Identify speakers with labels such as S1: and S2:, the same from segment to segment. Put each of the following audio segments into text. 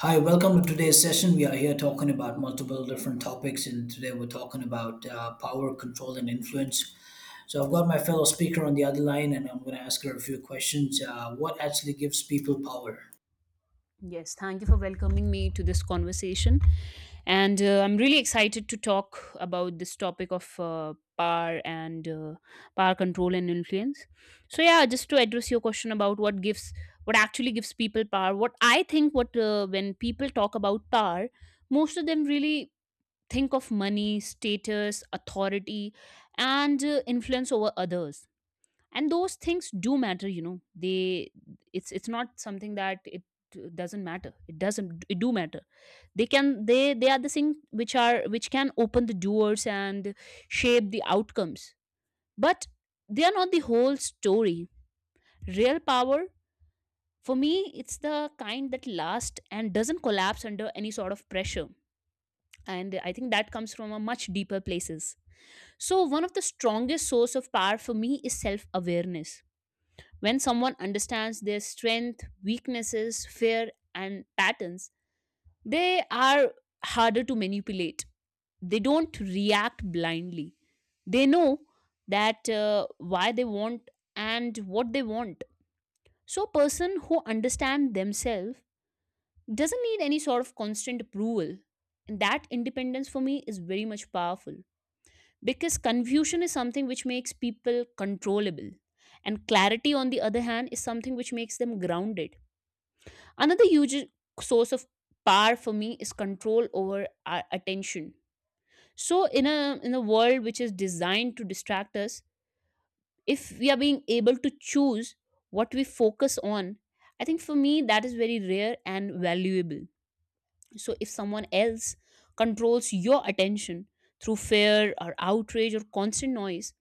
S1: Hi, welcome to today's session. We are here talking about multiple different topics, and today we're talking about power, control, and influence. So, I've got my fellow speaker on the other line, and I'm going to ask her a few questions. What actually gives people power?
S2: Yes, thank you for welcoming me to this conversation. And I'm really excited to talk about this topic of power and power control and influence. So yeah, just to address your question about what actually gives people power, what I think what when people talk about power, most of them really think of money, status, authority and influence over others. And those things do matter, they it's not something that it doesn't matter, it doesn't, it do matter. They are the things which are which can open the doors and shape the outcomes, but they are not the whole story. Real power for me, it's the kind that lasts and doesn't collapse under any sort of pressure. And I think that comes from a much deeper places. So one of the strongest source of power for me is self awareness. When someone understands their strength, weaknesses, fear, and patterns, they are harder to manipulate. They don't react blindly. They know that why they want and what they want. So, a person who understands themselves doesn't need any sort of constant approval. And that independence for me is very much powerful, because confusion is something which makes people controllable, and clarity, on the other hand, is something which makes them grounded. Another huge source of power for me is control over our attention. So in a world which is designed to distract us, if we are being able to choose what we focus on, I think for me that is very rare and valuable. So if someone else controls your attention through fear or outrage or constant noise,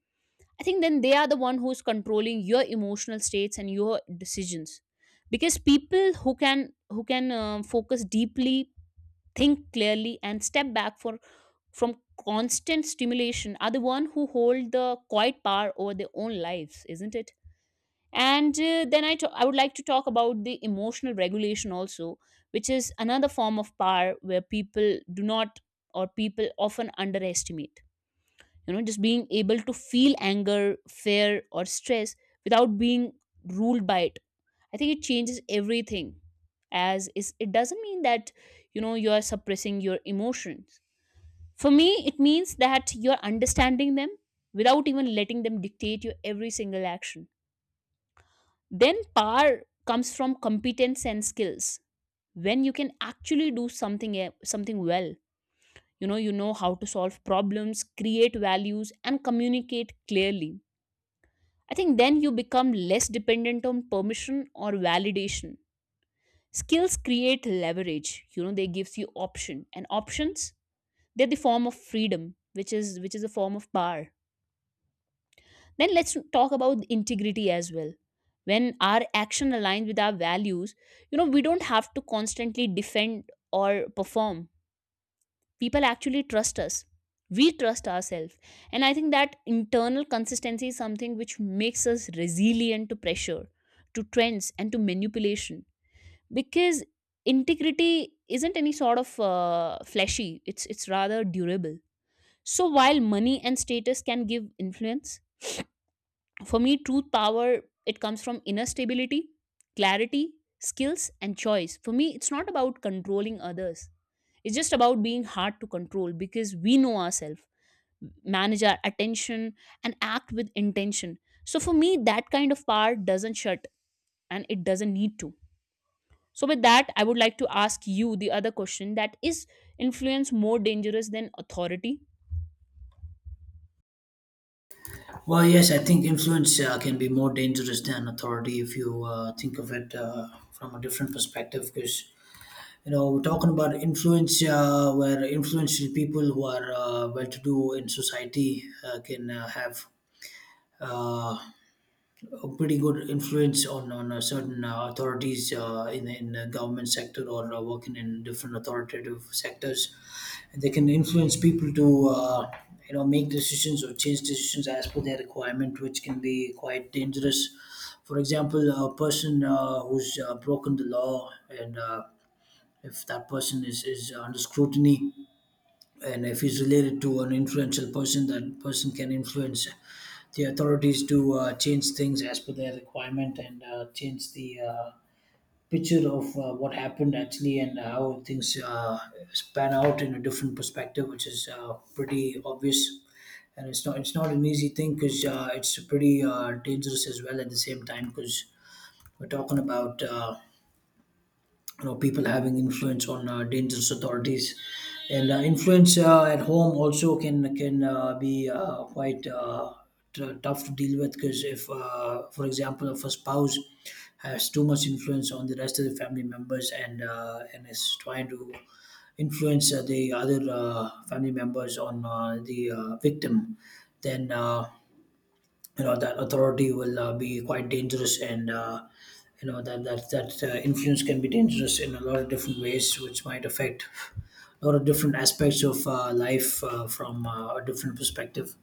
S2: I think then they are the one who's controlling your emotional states and your decisions, because people who can focus deeply, think clearly, and step back for from constant stimulation are the one who hold the quiet power over their own lives, isn't it? And I would like to talk about the emotional regulation also, which is another form of power where people do not, or people often underestimate, just being able to feel anger, fear, or stress without being ruled by it. I think it changes everything. As is, it doesn't mean that you are suppressing your emotions. For me, it means that you're understanding them without even letting them dictate your every single action. Then power comes from competence and skills. When you can actually do something something well, you know how to solve problems, create values, and communicate clearly. I think then you become less dependent on permission or validation. Skills create leverage, they gives you option and options. They're the form of freedom which is a form of power. Then let's talk about integrity as well. When our action aligns with our values, we don't have to constantly defend or perform. People actually trust us, we trust ourselves. And I think that internal consistency is something which makes us resilient to pressure, to trends, and to manipulation, because integrity isn't any sort of fleshy, it's rather durable. So while money and status can give influence, for me truth power, it comes from inner stability, clarity, skills, and choice. For me it's not about controlling others, it's just about being hard to control because we know ourselves, manage our attention, and act with intention. So for me that kind of power doesn't shut, and it doesn't need to. So, with that, I would like to ask you the other question: that is influence more dangerous than authority?
S1: Well, yes, I think influence can be more dangerous than authority if you think of it from a different perspective, because you know we're talking about influence, where influential people who are well-to-do in society can have uh, a pretty good influence on certain authorities in the government sector or working in different authoritative sectors. And they can influence people to you know make decisions or change decisions as per their requirement, which can be quite dangerous. For example, a person who's broken the law and if that person is under scrutiny, and if he's related to an influential person, that person can influence the authorities to change things as per their requirement and change the picture of what happened actually and how things span out in a different perspective, which is pretty obvious. And it's not an easy thing because it's pretty dangerous as well at the same time because we're talking about you know people having influence on dangerous authorities, and Influence at home also can be quite tough to deal with because if for example if a spouse has too much influence on the rest of the family members, and is trying to influence the other family members on the victim, then you know that authority will be quite dangerous, and you know that influence can be dangerous in a lot of different ways, which might affect a lot of different aspects of life from a different perspective.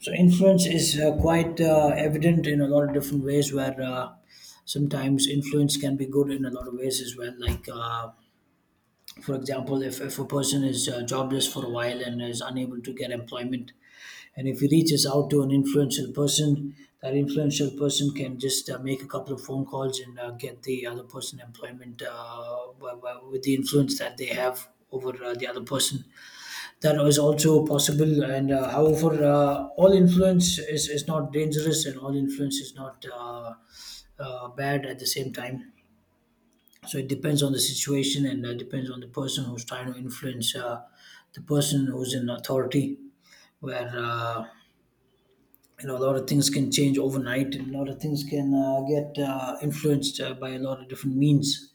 S1: So influence is quite evident in a lot of different ways, where sometimes influence can be good in a lot of ways as well, like for example if a person is jobless for a while and is unable to get employment, and if he reaches out to an influential person, that influential person can just make a couple of phone calls and get the other person employment with the influence that they have over the other person. That is also possible. And however, all influence is not dangerous, and all influence is not bad at the same time. So it depends on the situation and depends on the person who's trying to influence the person who's in authority. Where you know a lot of things can change overnight and a lot of things can get influenced by a lot of different means.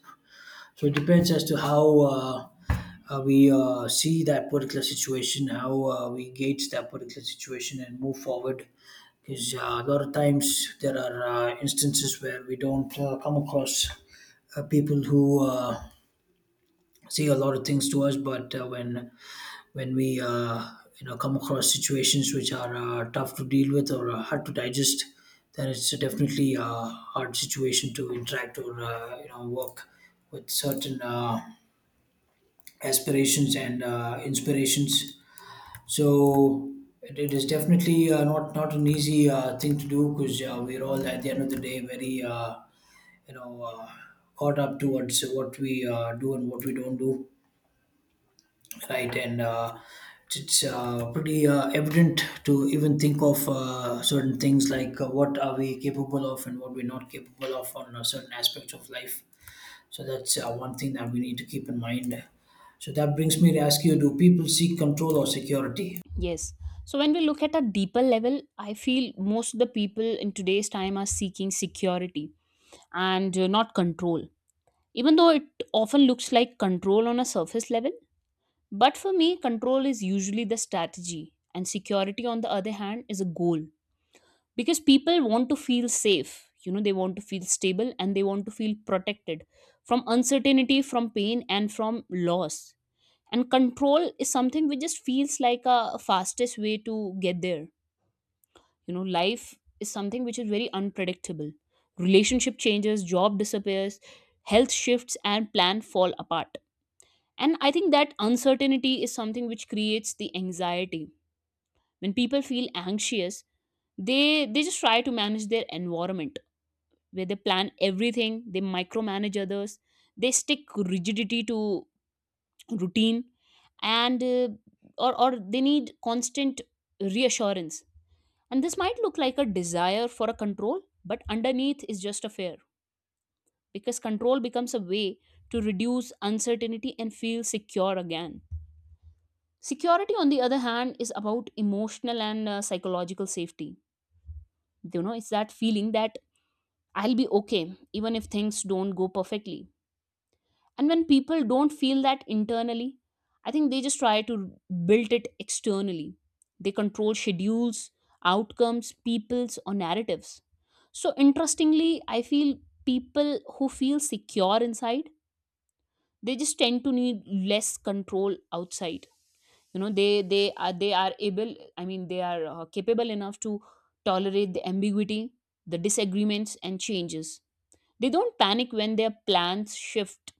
S1: So it depends as to how we see that particular situation, how we gauge that particular situation and move forward, because a lot of times there are instances where we don't come across people who say a lot of things to us, but when when we you know come across situations which are tough to deal with or hard to digest, then it's definitely a hard situation to interact or you know work with certain aspirations and inspirations. So it is definitely not an easy thing to do because we're all at the end of the day very you know caught up towards what we do and what we don't do, right? And uh, it's uh, pretty evident to even think of certain things, like what are we capable of and what we're not capable of on certain aspects of life. So that's one thing that we need to keep in mind. So that brings me to ask you, do people seek control or security?
S2: Yes. So, when we look at a deeper level, I feel most of the people in today's time are seeking security and not control. Even though it often looks like control on a surface level, but for me, control is usually the strategy, and security, on the other hand, is a goal. Because people want to feel safe, they want to feel stable and they want to feel protected from uncertainty, from pain, and from loss. And control is something which just feels like a fastest way to get there. You know, life is something which is very unpredictable. Relationship changes, job disappears, health shifts, and plan fall apart. And I think that uncertainty is something which creates the anxiety. When people feel anxious, they just try to manage their environment, where they plan everything, they micromanage others, they stick rigidity to routine, and or they need constant reassurance. And this might look like a desire for a control, but underneath is just a fear, because control becomes a way to reduce uncertainty and feel secure again. Security, on the other hand, is about emotional and psychological safety. You know, it's that feeling that I'll be okay even if things don't go perfectly. And when people don't feel that internally, I think they just try to build it externally. They control schedules, outcomes, peoples, or narratives. So, interestingly, I feel people who feel secure inside, they just tend to need less control outside. You know, they are able. I mean, they are capable enough to tolerate the ambiguity, the disagreements, and changes. They don't panic when their plans shift.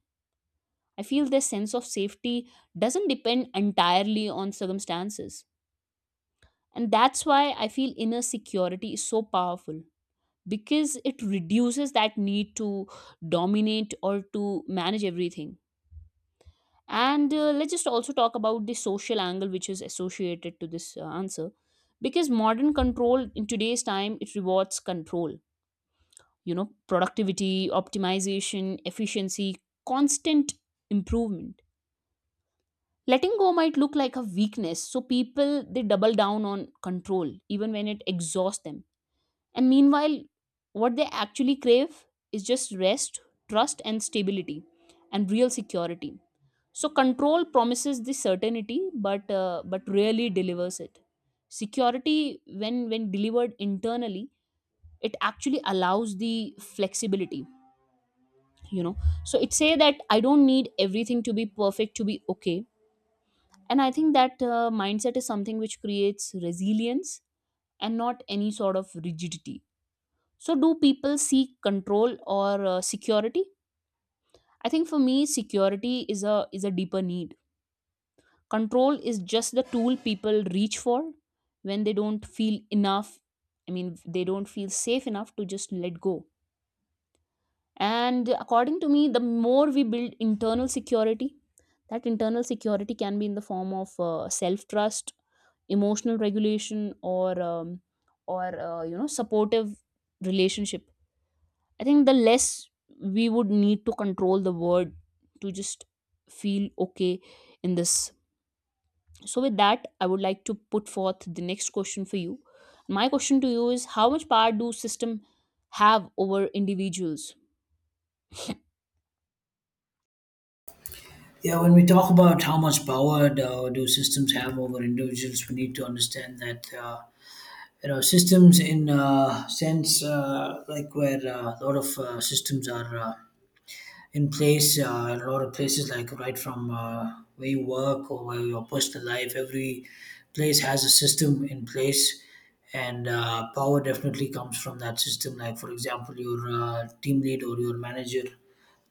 S2: I feel their sense of safety doesn't depend entirely on circumstances. And that's why I feel inner security is so powerful, because it reduces that need to dominate or to manage everything. And let's just also talk about the social angle which is associated to this answer, because modern control in today's time, it rewards control. You know, productivity, optimization, efficiency, constant improvement. Letting go might look like a weakness, so people they double down on control even when it exhausts them. And meanwhile, what they actually crave is just rest, trust, and stability, and real security. So control promises the certainty, but rarely delivers it. Security, when delivered internally, it actually allows the flexibility. you know so it say that I don't need everything to be perfect to be okay. And I think that mindset is something which creates resilience and not any sort of rigidity. So, do people seek control or security? I think for me, security is a deeper need. Control is just the tool people reach for when they don't feel enough. I mean, they don't feel safe enough to just let go. And according to me, the more we build internal security — that internal security can be in the form of self trust, emotional regulation, or supportive relationship — I think the less we would need to control the word to just feel okay in this. So with that, I would like to put forth the next question for you. My question to you is: How much power do system have over individuals?
S1: Yeah, when we talk about how much power do systems have over individuals, we need to understand that you know systems in sense like where a lot of systems are in place a lot of places, like right from where you work or where your personal life, every place has a system in place. And power definitely comes from that system, like for example your team lead or your manager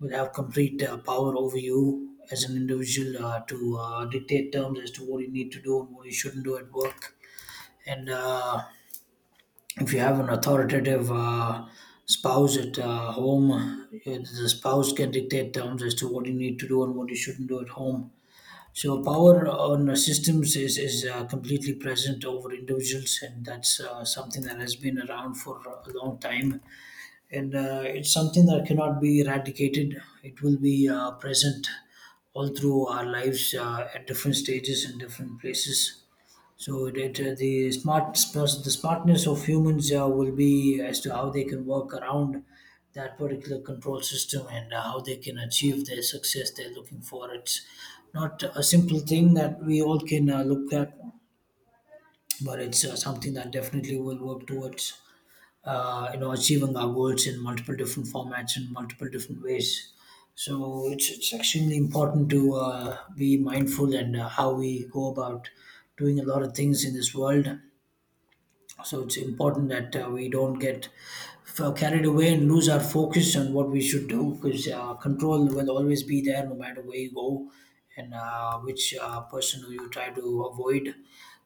S1: will have complete power over you as an individual to dictate terms as to what you need to do and what you shouldn't do at work. And if you have an authoritative spouse at home, the spouse can dictate terms as to what you need to do and what you shouldn't do at home. So power on systems is completely present over individuals, and that's something that has been around for a long time. And it's something that cannot be eradicated. It will be present all through our lives at different stages and different places. So that the the smartness of humans will be as to how they can work around that particular control system and how they can achieve the success they're looking for. It's not a simple thing that we all can look at, but it's something that definitely will work towards you know achieving our goals in multiple different formats and multiple different ways. So it's extremely important to be mindful and how we go about doing a lot of things in this world. So it's important that we don't get carried away and lose our focus on what we should do, because control will always be there no matter where you go and which person who you try to avoid.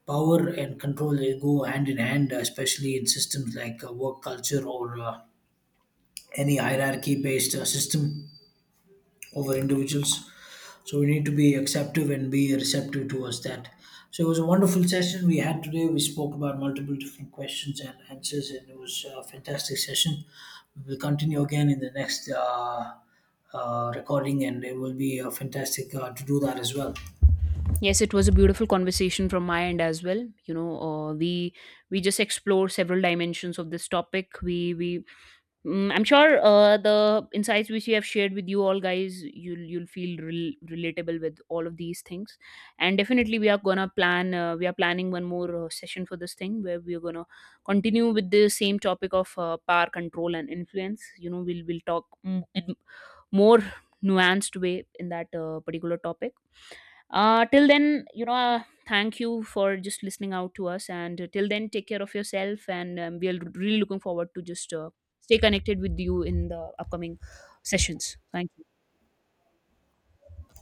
S1: Power and control, they go hand in hand, especially in systems like work culture or any hierarchy based system over individuals. So we need to be acceptive and be receptive towards that. So it was a wonderful session we had today. We spoke about multiple different questions and answers, and it was a fantastic session. We will continue again in the next recording, and it will be fantastic to do that as well.
S2: Yes, it was a beautiful conversation from my end as well. You know, we just explore several dimensions of this topic. I'm sure the insights which we have shared with you all guys, you'll feel relatable with all of these things, and definitely we are gonna plan. We are planning one more session for this thing where we are gonna continue with the same topic of power control and influence. You know, we'll talk in more nuanced way in that particular topic. Till then, thank you for just listening out to us, and till then, take care of yourself, and we are really looking forward to just. Stay connected with you in the upcoming sessions. Thank you.